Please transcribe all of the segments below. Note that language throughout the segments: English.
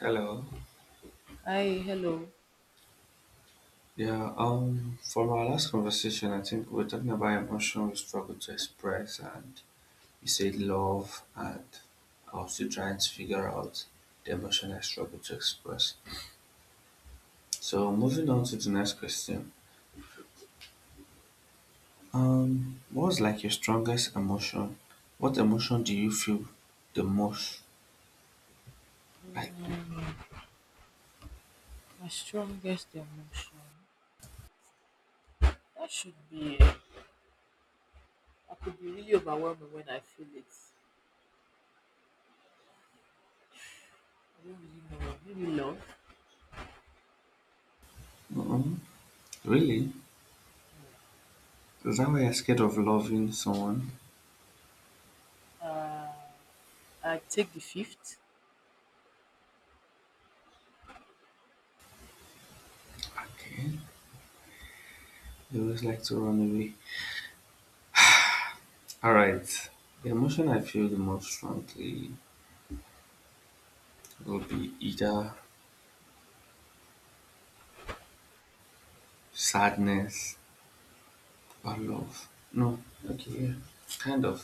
Hello. Hi, hello. Yeah, from our last conversation, I think we are talking about emotion we struggle to express, and you said love, and I was still trying to figure out the emotion I struggle to express. So, moving on to the next question. What was like your strongest emotion? What emotion do you feel the most? Like, My strongest emotion. That should be. I could be really overwhelmed when I feel it. I don't really know. Maybe love. mm, really? Is that why you're scared of loving someone? Uh, I take the fifth. Okay. You always like to run away. All right. The emotion I feel the most strongly will be either sadness or love. No, okay, yeah, kind of.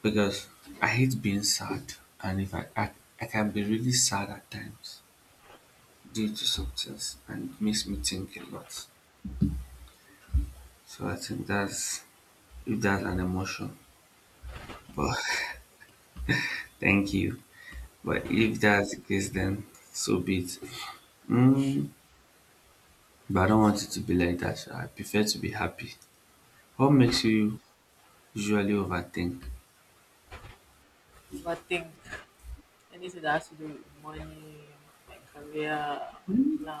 Because I hate being sad, and if I, I can be really sad at times due to substance, and it makes me think a lot. So I think that's if that's an emotion. But thank you. But if that's the case, then so be it. Mm, but I don't want it to be like that. I prefer to be happy. What makes you usually overthink Overthink anything that has to do with money, my career, my plan,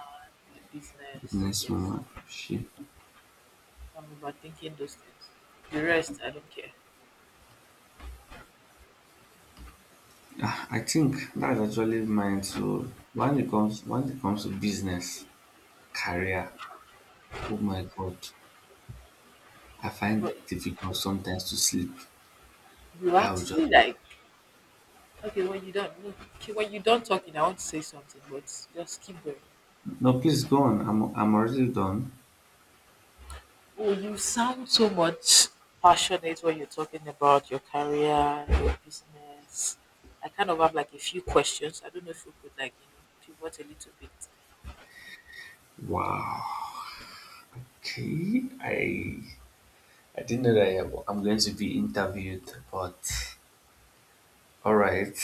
my business. business Yes, woman shit. I'm overthinking those things. The rest, I don't care. Ah, I think that's actually mine. So when it comes to business, career, oh my god, I find it But difficult sometimes to sleep. you I will just, actually like. Okay, when you don't, okay, when you don't talking, I want to say something, but just keep going. no please go on, I'm already done. Oh, you sound so much passionate when you're talking about your career, your business. I kind of have like a few questions. I don't know if you could like, pivot a little bit. Wow, okay, i didn't know that I'm going to be interviewed, but all right.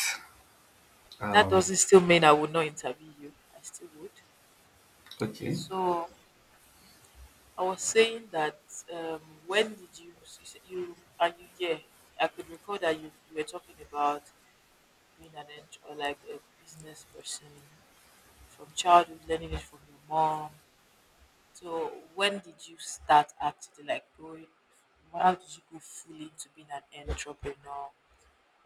That um doesn't still mean I would not interview you. I still would. okay So I was saying that when did said you are I could recall that you were talking about being an ent- or like a business person from childhood, learning it from your mom. So when did you start actually like going? How did you go fully into being an entrepreneur?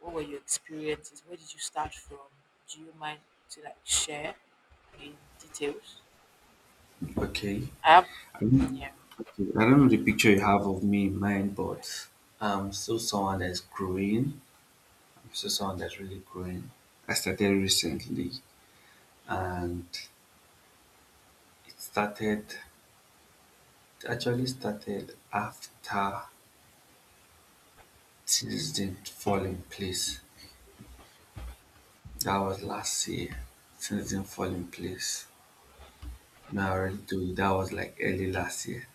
What were your experiences? Where did you start from? Do you mind to like share in details? okay, I have mm, yeah, I don't know the picture you have of me in mind, but I'm still someone that's growing. I'm still someone that's really growing. I started recently and it started, it actually started after things didn't fall in place. That was last year. Things didn't fall in place. No, I already told you that was like early last year.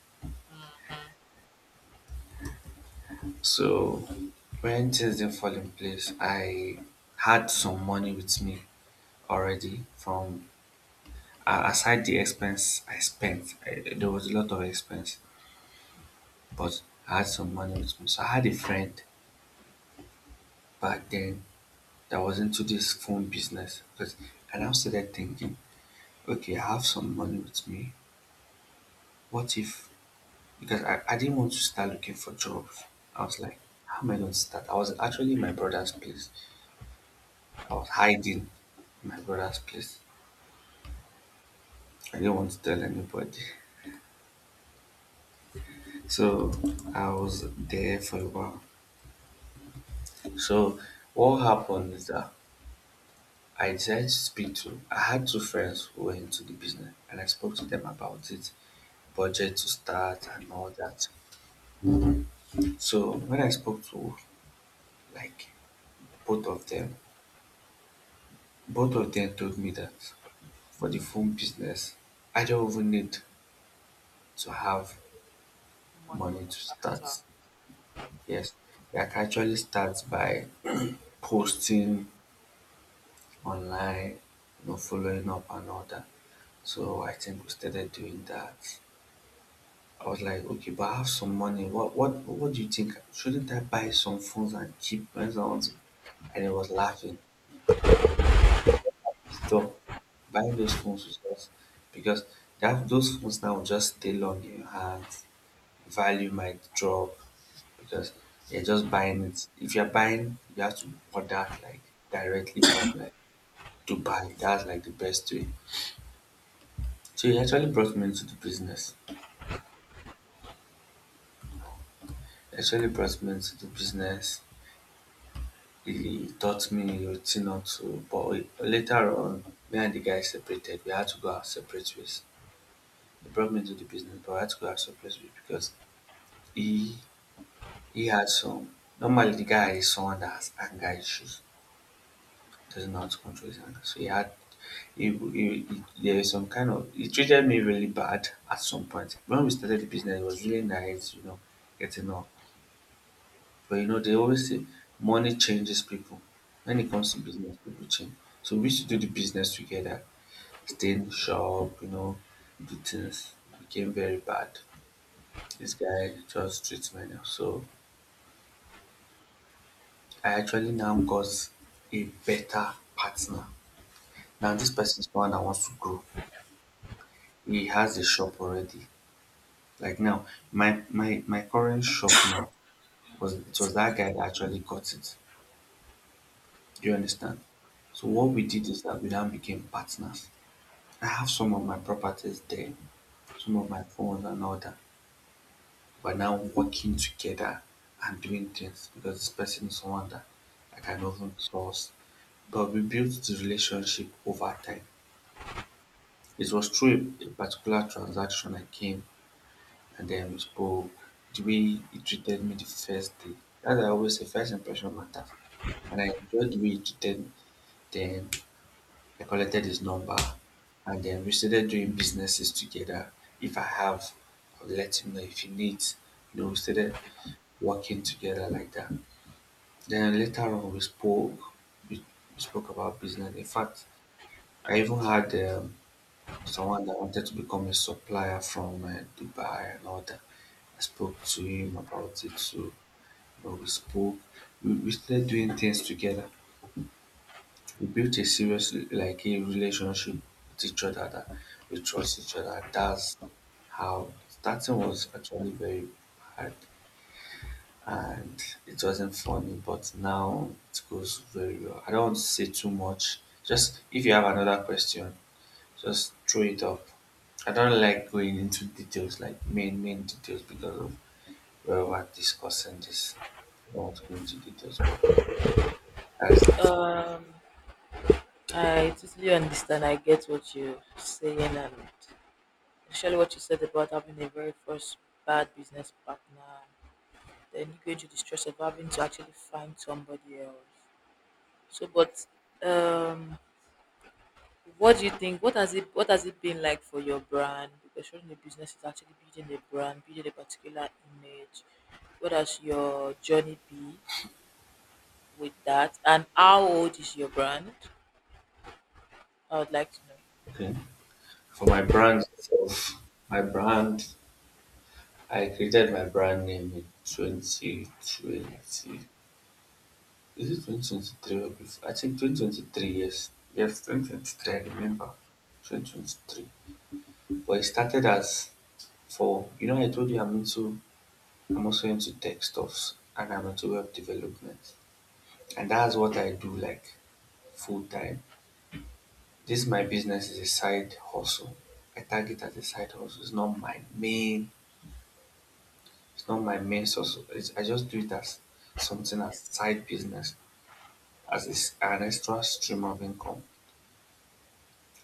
So when things didn't fall in place, I had some money with me already from aside the expense I spent, I, there was a lot of expense, but I had some money with me. So I had a friend back then that was into this phone business. Because I now started thinking, okay, I have some money with me. What if? Because I didn't want to start looking for jobs. I was like, how am I going to start? I was actually in my brother's place. I was hiding in my brother's place. I didn't want to tell anybody. So I was there for a while. So what happened is that I decided to speak to I had two friends who were into the business and I spoke to them about it, budget to start and all that. So when I spoke to like both of them, both of them told me that for the phone business, I don't even need to have money money or to start. Yes, I can actually start by posting online, you know, following up and all that. So I think we started doing that. I was like, okay, but I have some money. What do you think? Shouldn't I buy some phones and keep my ones? And he was laughing. Stop. Buying those phones was just because that those phones now just stay long in your hands. Value might drop because you're just buying it. If you're buying, you have to order like directly from like Dubai. That's like the best way. So he actually brought me into the business. He actually brought me into the business, he taught me a thing or two. But later on, me and the guy separated. We had to go our separate ways. He brought me to the business, but we had to go our separate ways because he he had some. Normally, the guy is someone that has anger issues, doesn't know how to control his anger. So he had. There is some kind of he treated me really bad at some point. When we started the business it was really nice, you know, getting up, but you know they always say money changes people. When it comes to business people change, so we used to do the business together. Still, Shaw, you know, the things became very bad. This guy just treats me now. So I actually now got a better partner. Now this person is one that wants to grow. He has a shop already. Like now, my current shop now was, it was that guy that actually got it. Do you understand? So what we did is that we now became partners. I have some of my properties there, some of my phones and all that. We're now working together and doing things because this person is someone that I can even trust. But we built the relationship over time. It was through a particular transaction I came and then we spoke. The way he treated me the first day. As I always say, first impression matters. And I enjoyed the way he treated me. Then I collected his number and then we started doing businesses together. If I have, I'll let him know if he needs. You know, we started working together like that. Then later on we spoke. We, we spoke about business. In fact, I even had someone that wanted to become a supplier from Dubai and all that. I spoke to him about it too. But we spoke. We started doing things together. We built a serious like a relationship with each other that we trust each other. That's how starting was actually very hard. And it wasn't funny, but now it goes very well. I don't want to say too much. Just if you have another question, just throw it up. I don't like going into details like main details because of where we're discussing this. I don't want to go into details, but that's it. capital. I totally understand. I get what you're saying, and especially what you said about having a very first bad business partner. Then you go into the stress of having to actually find somebody else. So, but um, what do you think? What has it been like for your brand? Because running a business is actually building a brand, building a particular image. What has your journey be with that? And how old is your brand? I would like to know. Okay. For my brand itself, my brand, I created my brand name in 2020. Is it 2023 or before? I think 2023, yes. Yes, 2023, I remember. 2023. But it started as for, you know, I told you I'm into, I'm also into tech stuffs and I'm into web development. And that's what I do like full time. This my business is a side hustle. I tag it as a side hustle. It's not my main source. It's, I just do it as something as side business, as a s an extra stream of income.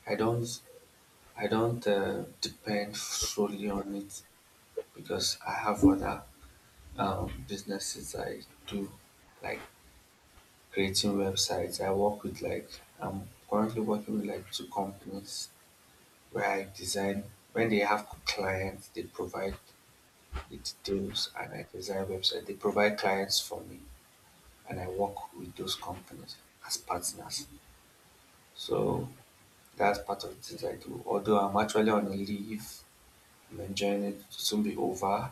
I don't I don't depend solely on it because I have other businesses I do, like creating websites. I work with like, I'm currently working with like two companies where I design, when they have clients, they provide the details and I design website. They provide clients for me and I work with those companies as partners. So that's part of the things I do. Although I'm actually on a leave, I'm enjoying it. It will soon be over.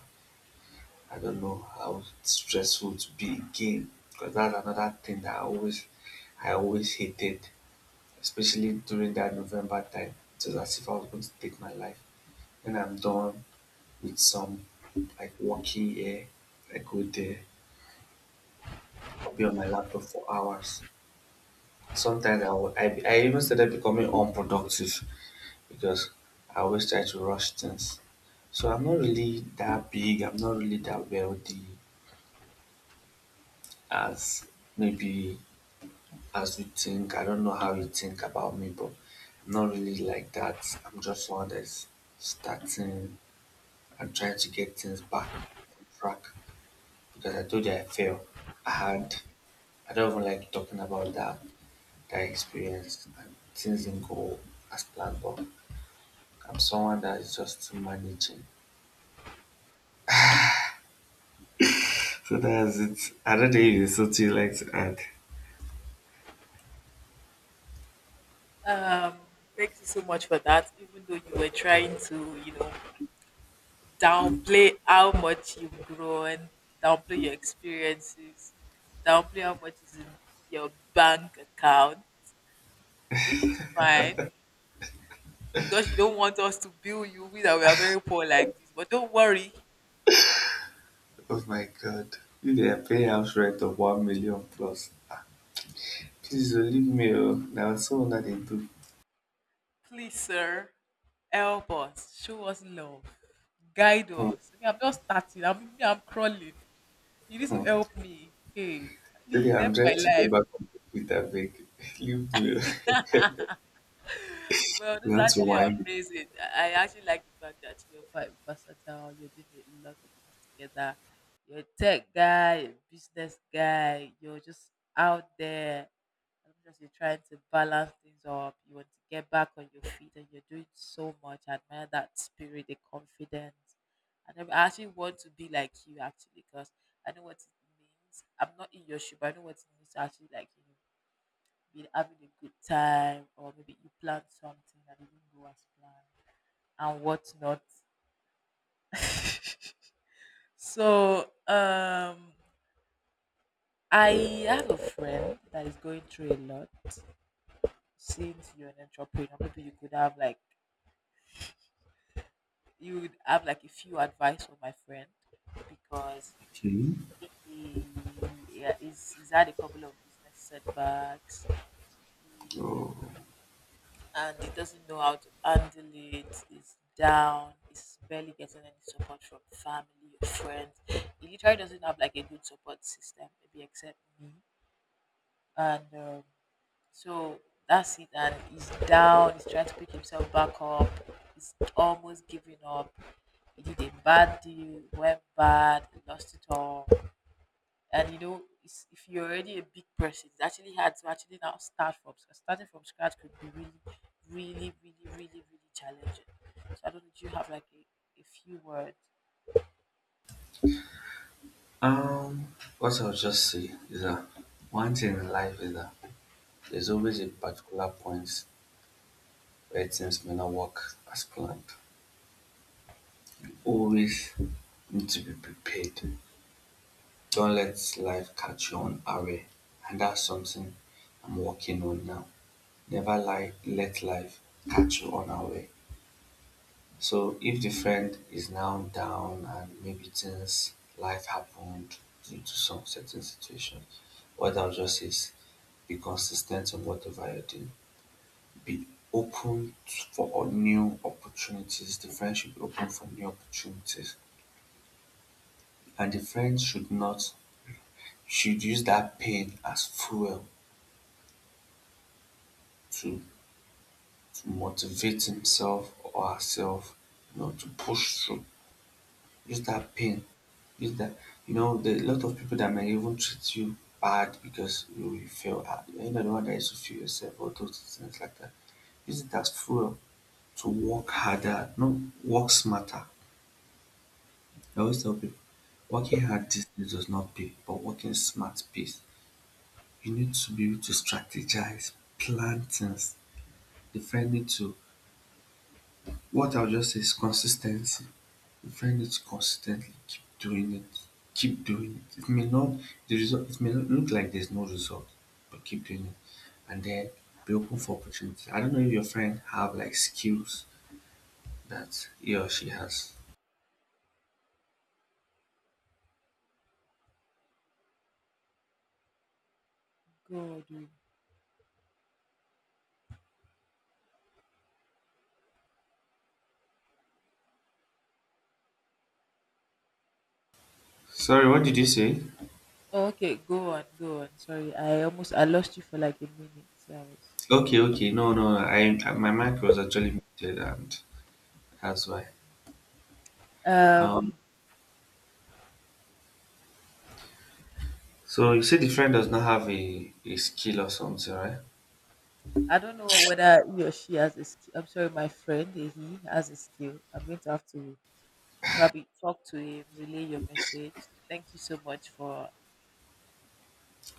I don't know how stressful to be again because that's another thing that I always hated, especially during that November time. It was as if I was going to take my life. When I'm done with some like working here, I go there, I'll be on my laptop for hours. Sometimes I even started becoming unproductive because I always try to rush things. So I'm not really that wealthy as maybe as you think. I don't know how you think about me, but I'm not really like that. I'm just one that's starting and trying to get things back on track because I told you I failed. I had, I don't even like talking about that experience and things didn't go as planned, but I'm someone that is just managing. So that's it. I don't think it's something you like to add. Um, Thank you so much for that. Even though you were trying to, you know, downplay how much you've grown, downplay your experiences, downplay how much is in your bank account, which is fine, because you don't want us to bill you, we that we are very poor like this. But don't worry, Oh my god. If they are paying house rent of 1 million plus, please oh, leave me. Oh. Now, so that they do. please, sir, help us, show us love, guide Hmm. us. Me, I'm just starting. I'm crawling. You need to Really, help me. Hey, please I'm help my trying to get life. back on the beat, beg. Leave me. Well, You this is want to actually whine? amazing. I actually like the fact that you're quite versatile. You're doing a lot of things together. You're a tech guy, a business guy. You're just out there. I'm just You're trying to balance things up. You want to get back on your feet, and you're doing so much. I admire that spirit, the confidence. And I actually want to be like you, actually, because I know what it means. I'm not in your shoe, but I know what it means to actually like you been having a good time, or maybe you planned something that didn't go as planned, and whatnot. so, um, I have a friend that is going through a lot. Since you're an entrepreneur, maybe you could have like you would have like a few advice for my friend because Okay. he yeah, he's had a couple of business setbacks. He Oh. And he doesn't know how to handle it. He's down. He's barely getting any support from family or friends. He literally doesn't have like a good support system, maybe except me. And so That's it. And he's down. He's trying to pick himself back up. He's almost giving up. He did a bad deal, went bad, he lost it all. And you know it's, if you're already a big person, it's actually hard to actually now start from scratch. Starting from scratch could be really really challenging. So I don't know, do you have like a few words? Um, what I'll just say is that one thing in life is that there's always a particular point where things may not work as planned. You always need to be prepared. Don't let life catch you on array. And that's something I'm working on now. Never let life catch you on array. So if the friend is now down and maybe things life happened due to some certain situation, what I'll just say is be consistent in whatever you do. Be for new opportunities. The friend should be open for new opportunities. And the friend should not should use that pain as fuel to, to motivate himself or herself, you know, to push through. Use that pain, use that. You know, there are a lot of people that may even treat you bad because you feel ah, you're not the one that is to feel yourself or those things like that. Use it as fuel to work harder, no, work smarter. I always tell people, working hard these days does not pay, but working smart pays. You need to be able to strategize, plan things. The friend need to, what I'll just say is consistency. Find it consistently, keep doing it, keep doing it. It may not the result it may not look like there's no result, but keep doing it. And then be open for opportunity. I don't know if your friend have like skills that he or she has. Go do Sorry, what did you say? Okay, go on. Sorry, I lost you for like a minute, so I was, Okay, okay, no, no, no. I my mic was actually muted and that's why. Um, um so you said the friend does not have a skill or something, right? I don't know whether he or she has a skill. I'm sorry, my friend he has a skill. I'm going to have to probably talk to him, relay your message. Thank you so much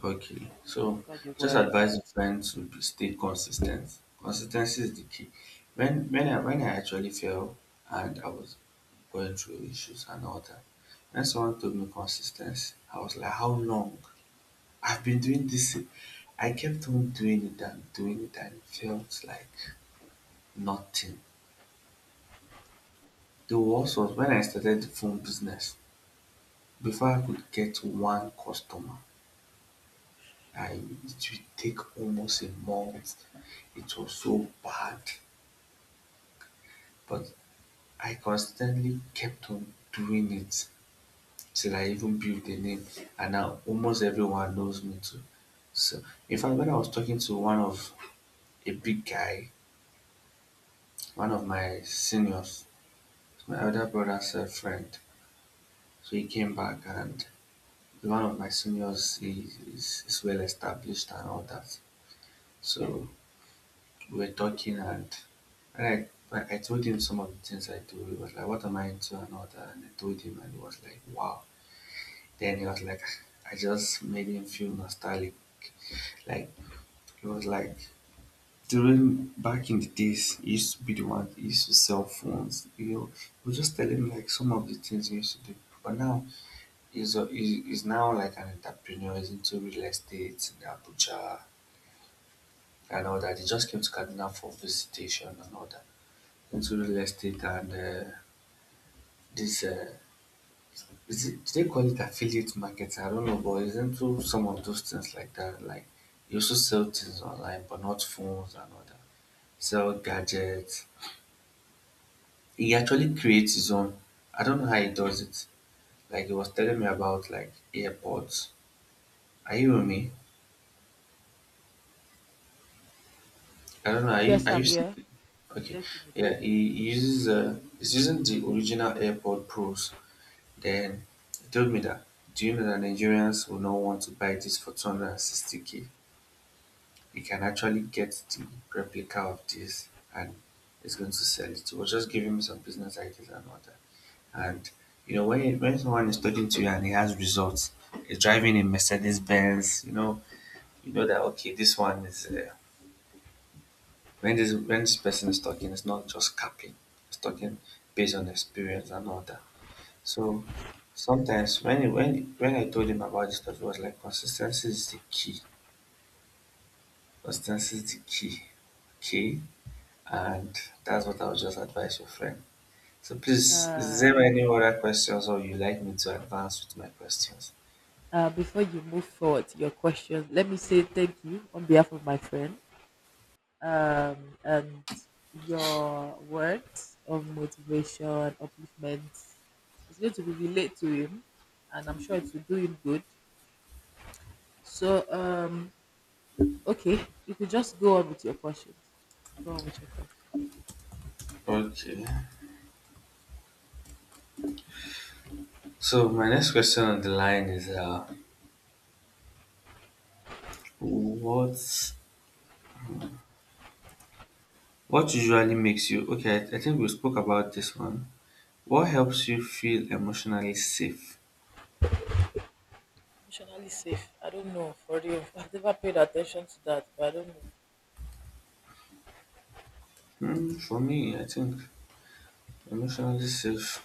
Okay, so for the just word. advise your friend to be, stay consistent. Consistency is the key. When I actually fell and I was going through issues and all that, when someone told me consistency, I was like, how long? I've been doing this. I kept on doing it and it felt like nothing. The worst was when I started the phone business. Before I could get one customer, I it will take almost a month. It was so bad, but I constantly kept on doing it till I even built a name, and now almost everyone knows me too. So, in fact, when I was talking to one of a big guy, one of my seniors, my elder brother's friend, so he came back and one of my seniors is well established and all that. So we were talking and and I told him some of the things I do. He was like, what am I into and all that? And I told him and he was like, wow. Then he was like I just made him feel nostalgic. Like he was like during back in the days he used to be the one he used to sell phones. You know, he was just telling me like some of the things he used to do. But now he's now like an entrepreneur, he's into real estate in Abuja and all that. He just came to Kaduna for visitation and all that. Into real estate and this is it, do they call it affiliate marketing? I don't know, but it's into some of those things like that. Like you also sell things online, but not phones and all that. Sell gadgets. He actually creates his own. I don't know how he does it. Like he was telling me about like AirPods. Are you with me? I don't know. Are you Yes, are you I'm still? here. Okay, Definitely. yeah. He, Ame. he uses he's using the original AirPod Pros. Then he told me that, do you know that Nigerians will not want to buy this for 260K? You can actually get the replica of this and it's going to sell it. He was just giving me some business ideas and all that. And you know, when someone is talking to you and he has results, he's driving a Mercedes Benz, you know that okay, this one is when this person is talking, it's not just capping, it's talking based on experience and all that. So sometimes when he, when I told him about this stuff, he was like, consistency is the key. Consistency is the key. Okay? And that's what I would just advise your friend. So please, is Uh, there any other questions or you like me to advance with my questions? Before you move forward to your question, let me say thank you on behalf of my friend. And Your words of motivation, upliftment, it's going to be relate to him, and I'm sure it will do him good. So, um, okay, you could just go on with your questions. Go on with your question. Okay. So my next question on the line is what what usually makes you okay, I think we spoke about this one. What helps you feel emotionally safe? Emotionally safe. I don't know for real. I've never paid attention to that, but I don't know. Hmm, for me, I think emotionally safe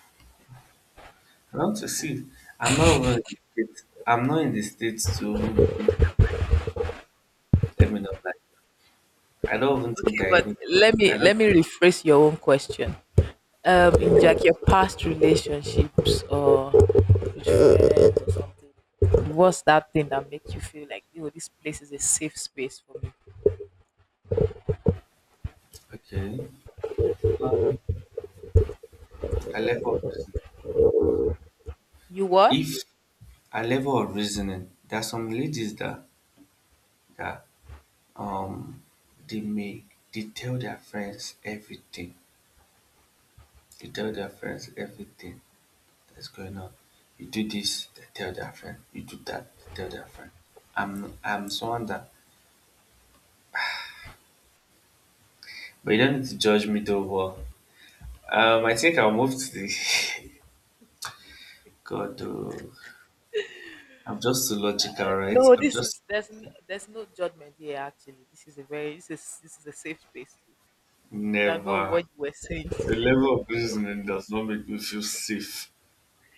I want to see, I'm not even in the state. I'm not in the states to even be thinking of let me know. Like, I don't even think Okay, I but even. I don't. let me rephrase your own question. Um, in Okay, like your past relationships or with friends or something, what's that thing that makes you feel like, you know, this place is a safe space for me? okay. A level of reasoning. You what? If a level of reasoning, there are some ladies that um they make they tell their friends everything. They tell their friends everything that's going on. You do this, they tell their friend. You do that, they tell their friend. I'm someone that, but you don't need to judge me though. I think I'll move to the God. Oh, I'm just too logical, right? No, I'm this just is, there's no judgment here. Actually, this is a very, this is, this is a safe space too, so you can go with never. what you were saying. The level of reasoning does not make me feel safe.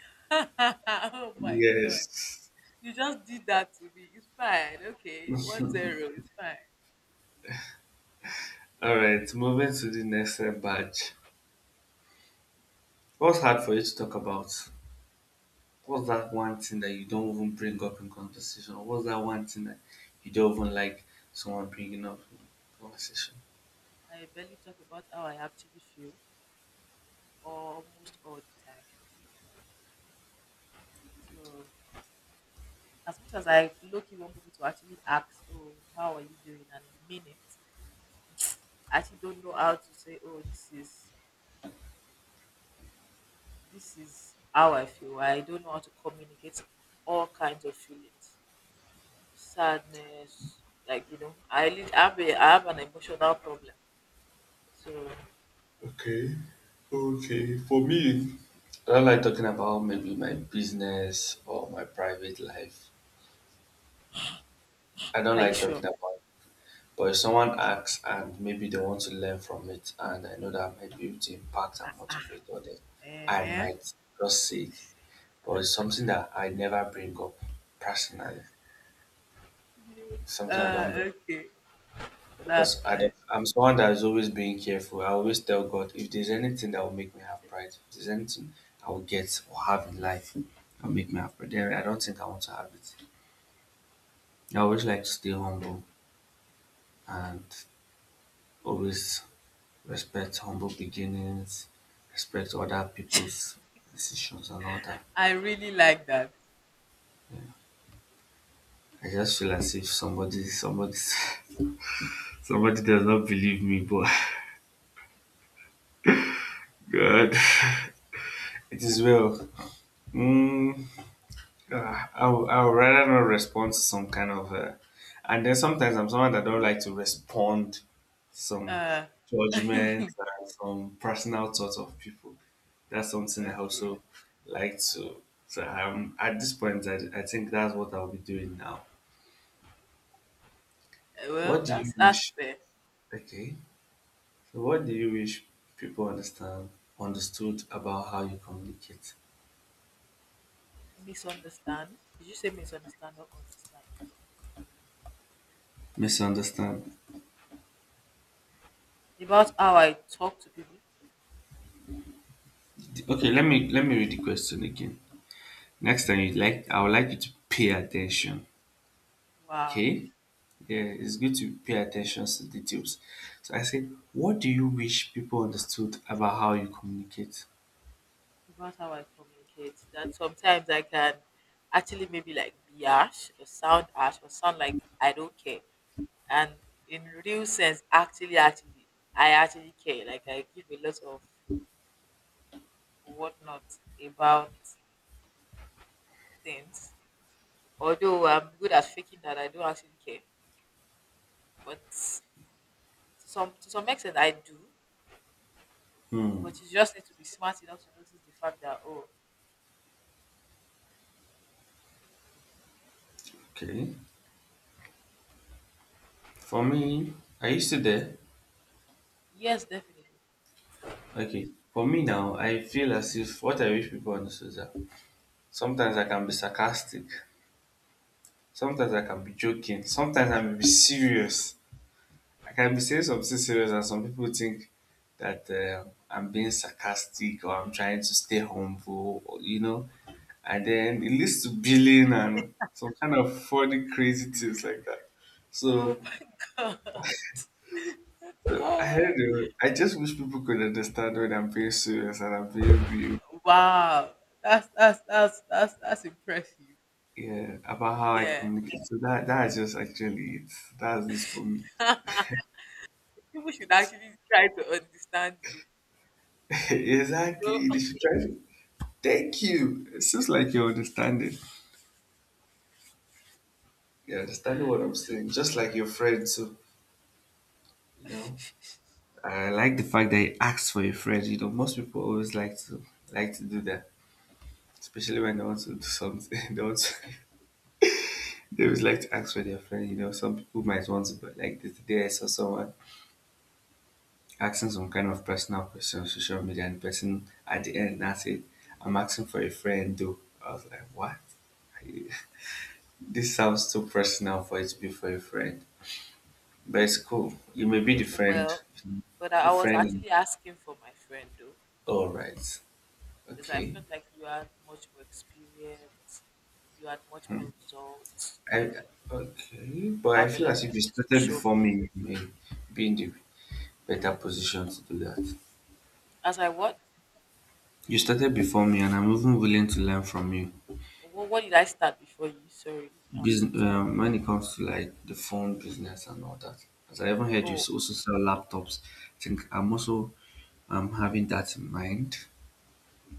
Oh my god, Yes. you just did that to me. It's fine. Okay, 1-0, it's fine. All right. Moving to the next badge. What's hard for you to talk about? What's that one thing that you don't even bring up in conversation? What's that one thing that you don't even like someone bringing up in conversation? I barely talk about how I actually feel almost all the time. So as much as I low key want people to actually ask, "Oh, how are you doing?" and mean it, I actually don't know how to say, "Oh, this is how I feel." I don't know how to communicate all kinds of feelings, sadness, like you know, I have I have an emotional problem. So, Okay. Okay. For me, I don't like talking about maybe my business or my private life. I don't are you like sure? talking about. But if someone asks and maybe they want to learn from it, and I know that I might be able to impact and motivate others, I Eh? might just say it. But it's something that I never bring up personally. It's something I Uh, don't bring okay, up because that's I don't, fine. I'm someone that is always being careful. I always tell God if there's anything that will make me have pride, if there's anything I will get or have in life, I'll make me have pride. Then I don't think I want to have it. I always like to stay humble and always respect humble beginnings, respect other people's decisions and all that. I really like that. I just feel as if somebody somebody does not believe me, but God it is well. Mm, I'll rather not respond to some kind of, and then sometimes I'm someone that don't like to respond some Uh, judgment and some personal thoughts of people. That's something I okay. also like to. So at this point, I think that's what I'll be doing now. Well, What do you that's wish? fair. Okay, so what do you wish people understood about how you communicate? Misunderstand. Did you say misunderstand or understand? Misunderstand. About how I talk to people. Okay, let me read the question again. Next time you like I would like you to pay attention. Wow, Okay? Yeah, it's good to pay attention to details. So I said, what do you wish people understood about how you communicate? about how I communicate. That sometimes I can actually maybe like be harsh or sound like I don't care. And in real sense, actually, I actually care. Like I give a lot of whatnot about things. Although I'm good at faking that, I don't actually care. But to some extent, I do. Hmm. But you just need to be smart enough to notice the fact that oh, Okay. For me, are you still there? yes, definitely. Okay. For me now, I feel as if what I wish people understood is that sometimes I can be sarcastic, sometimes I can be joking, sometimes I may be serious. I can be saying something serious and some people think that I'm being sarcastic or I'm trying to stay humble, or, you know, and then it leads to billing and some kind of funny, crazy things like that. Oh So my god. I don't I just wish people could understand when I'm being serious and I'm being real. Wow. That's that's impressive. Yeah, about how I Yeah. communicate. So that that is just actually it. That's this for me. People should actually try to understand you. Exactly. They So, should try to thank you. It seems like you're understanding. You understand what I'm saying? Just like your friend too, you know. I like the fact that you asked for your friend. You know, most people always like to do that, especially when they want to do something. They want to, they always like to ask for their friend. You know, some people might want to, but like the day I saw someone asking some kind of personal question on social media, and the person at the end that's it. I'm asking for a friend, though. I was like, what? Are you- This sounds too personal for it to be for a friend, but it's cool. You may be well, but the I was friend in actually asking for my friend though, All right. because I Okay. felt like you had much more experience, you had much more results, you I okay, but I have a feel lot as of if you things to started show before for it. me, you may be in the better position to do that. I was like, what? You started before me, and I'm even willing to learn from you. What did I start before you? Sorry, I'm a Business, little bit when lost. it comes to like the phone business and all that. As I even heard you Oh, also sell laptops. I think I'm also having that in mind.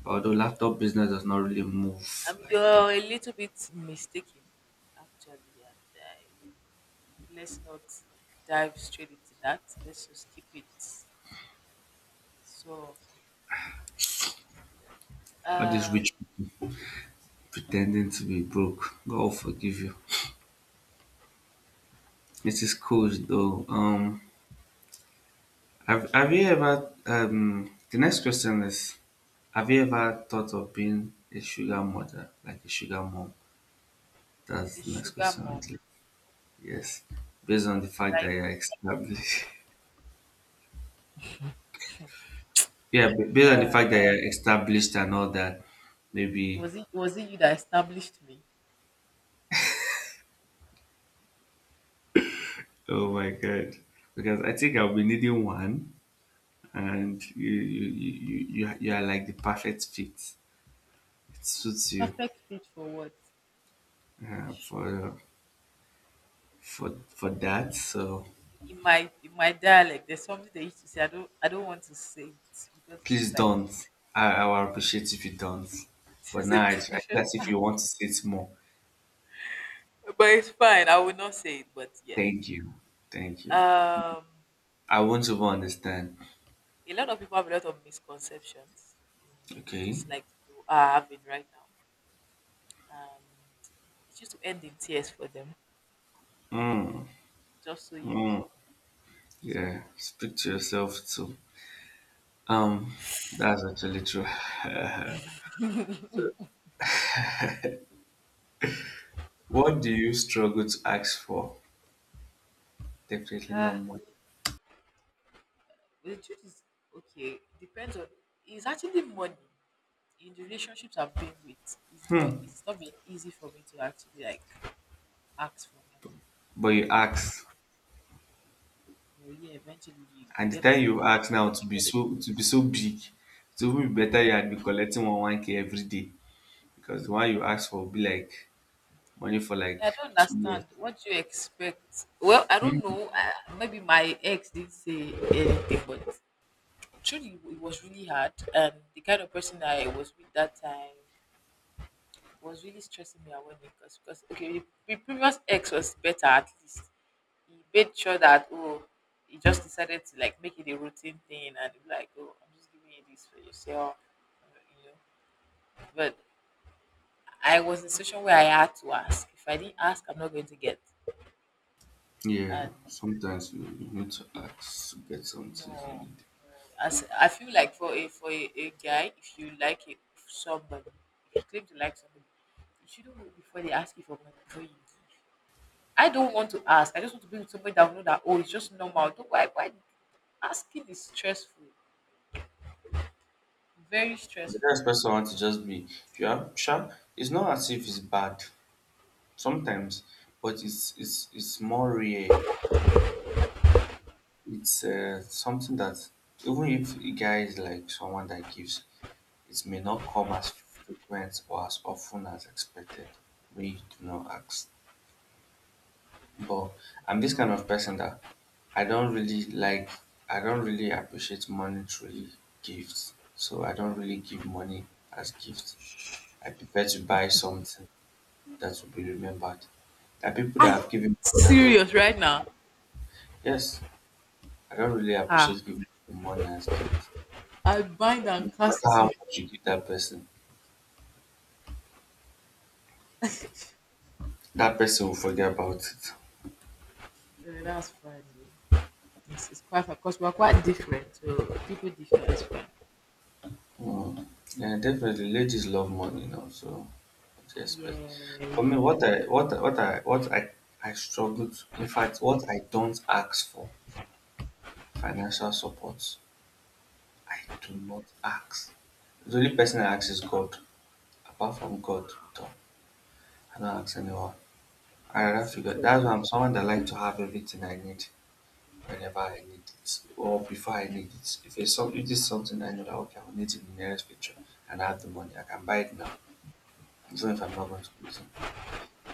Although laptop business does not really move like that. you're a little bit mistaken, actually, and I, let's not dive straight into that. Let's just keep it. So, All these um, rich people pretending to be broke. God will forgive you. It is cool though. Have you ever the next question is have you ever thought of being a sugar mother, like a sugar mom? That's a the next sugar question on mom. the list. Yes, based on the fact that Like, you're established. Yeah, ba- based on the fact that you're established and all that, maybe. Was it you that established me? Oh my god! Because I think I'll be needing one, and you are like the perfect fit. It suits you Perfect fit for what? uh, for for that. So In my dialect, there's something they used to say. I don't want to say it because this please is like don't. I will appreciate if you don't. But this is a now I feel profession. as if you want to say it more. But it's fine. I will not say it. Thank you. Thank you. um, I won't even understand. a lot of people have a lot of misconceptions. You know, Okay. just like you are having right now. Um, it used to end in tears for them, Mm, just so you know. mm, yeah. So, Speak to yourself too. Um, that's actually true. What do you struggle to ask for? Definitely not ah, money. the truth is, okay, depends on, it's actually money. In the relationships I've been with, it's not been easy for me to actually like ask for money. But you ask. But yeah, eventually you And the gotta time you ask do now what to you be gotta do. so to be so big, it would be better you had been collecting one K every day. Because the one you ask for will be like money for like I don't 2 years. understand what do you expect. Well, I don't Hmm. know. Maybe my ex didn't say anything, but truly it was really hard. And the kind of person I was with that time was really stressing me out when it was because okay, the previous ex was better at least. He made sure that oh, he just decided to like make it a routine thing and be like oh, I'm just giving you this for yourself, you know. But I was in a situation where I had to ask. If I didn't ask, I'm not going to get. Yeah, And sometimes you need to ask to get some things you no. need. As I feel like for a a guy, if you like somebody, if you claim to like somebody, you shouldn't wait before they ask you for money before you give. I don't want to ask. I just want to be with somebody that will know that oh, it's just normal. Don't, why? Why? Asking is stressful. Very But you don't stressful. expect someone to just be if you are sharp. It's not as if it's bad sometimes, but it's more rare. It's something that even if a guy is like someone that gives, it may not come as frequent or as often as expected when you do not ask. But I'm this kind of person that I don't really like, I don't really appreciate monetary gifts. So I don't really give money as gifts. I prefer to buy something that will be remembered. There are people Are that have you given money and all. serious right now? Yes, I don't really Ah, appreciate giving people money as gifts. I I bind feel and like no matter cast how you. much you give that person will forget about it. Eh, that's fine, though. Yes, it's quite fine because we're quite different. So people differ. That's fine. Mm. Yeah, definitely. Ladies love money, you know. So, what do you Yeah, expect? you know, For me, I struggle to. In fact, what I don't ask for financial support, I do not ask. The only person I ask is God. Apart from God, wow, though, I don't ask anyone. I rather that's figure. That's why impressive. I'm someone that like to have everything I need whenever I need it or before I need it. If if it's something I know that okay, I will need it in the nearest future, and I have the money, I can buy it now. So if I'm not going to prison,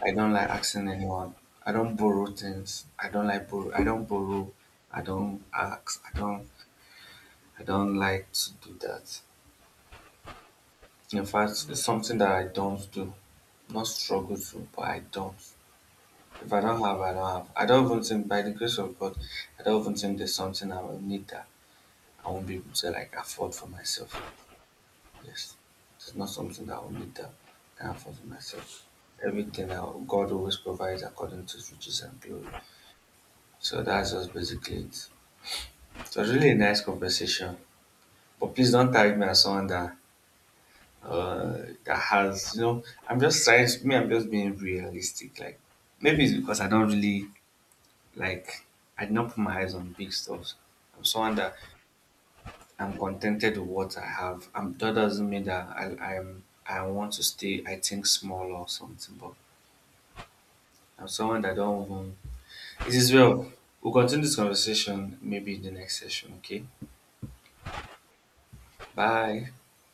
I don't like asking anyone. I don't borrow things. I don't like borrow. I don't borrow. I don't ask. I don't. I don't like to do that. In fact, it's Yeah. something that I don't do. Not struggle to, but I don't. If I don't have, I don't have. I don't even think, by the grace of God, I don't even think there's something I will need that I won't be able to like afford for myself. Yes, it's not something that I will need that I can afford for myself everything that God always provides according to his riches and glory. So that's just basically it. It was really a nice conversation. But please don't tag me as someone that has I'm just trying to me I'm just being realistic. Like maybe it's because I don't really like I did not put my eyes on big stuff. I'm someone that I'm contented with what I have. That doesn't mean that I'm I want to stay I think small or something, but I'm someone that don't even it is well. We'll continue this conversation maybe in the next session, okay? Bye.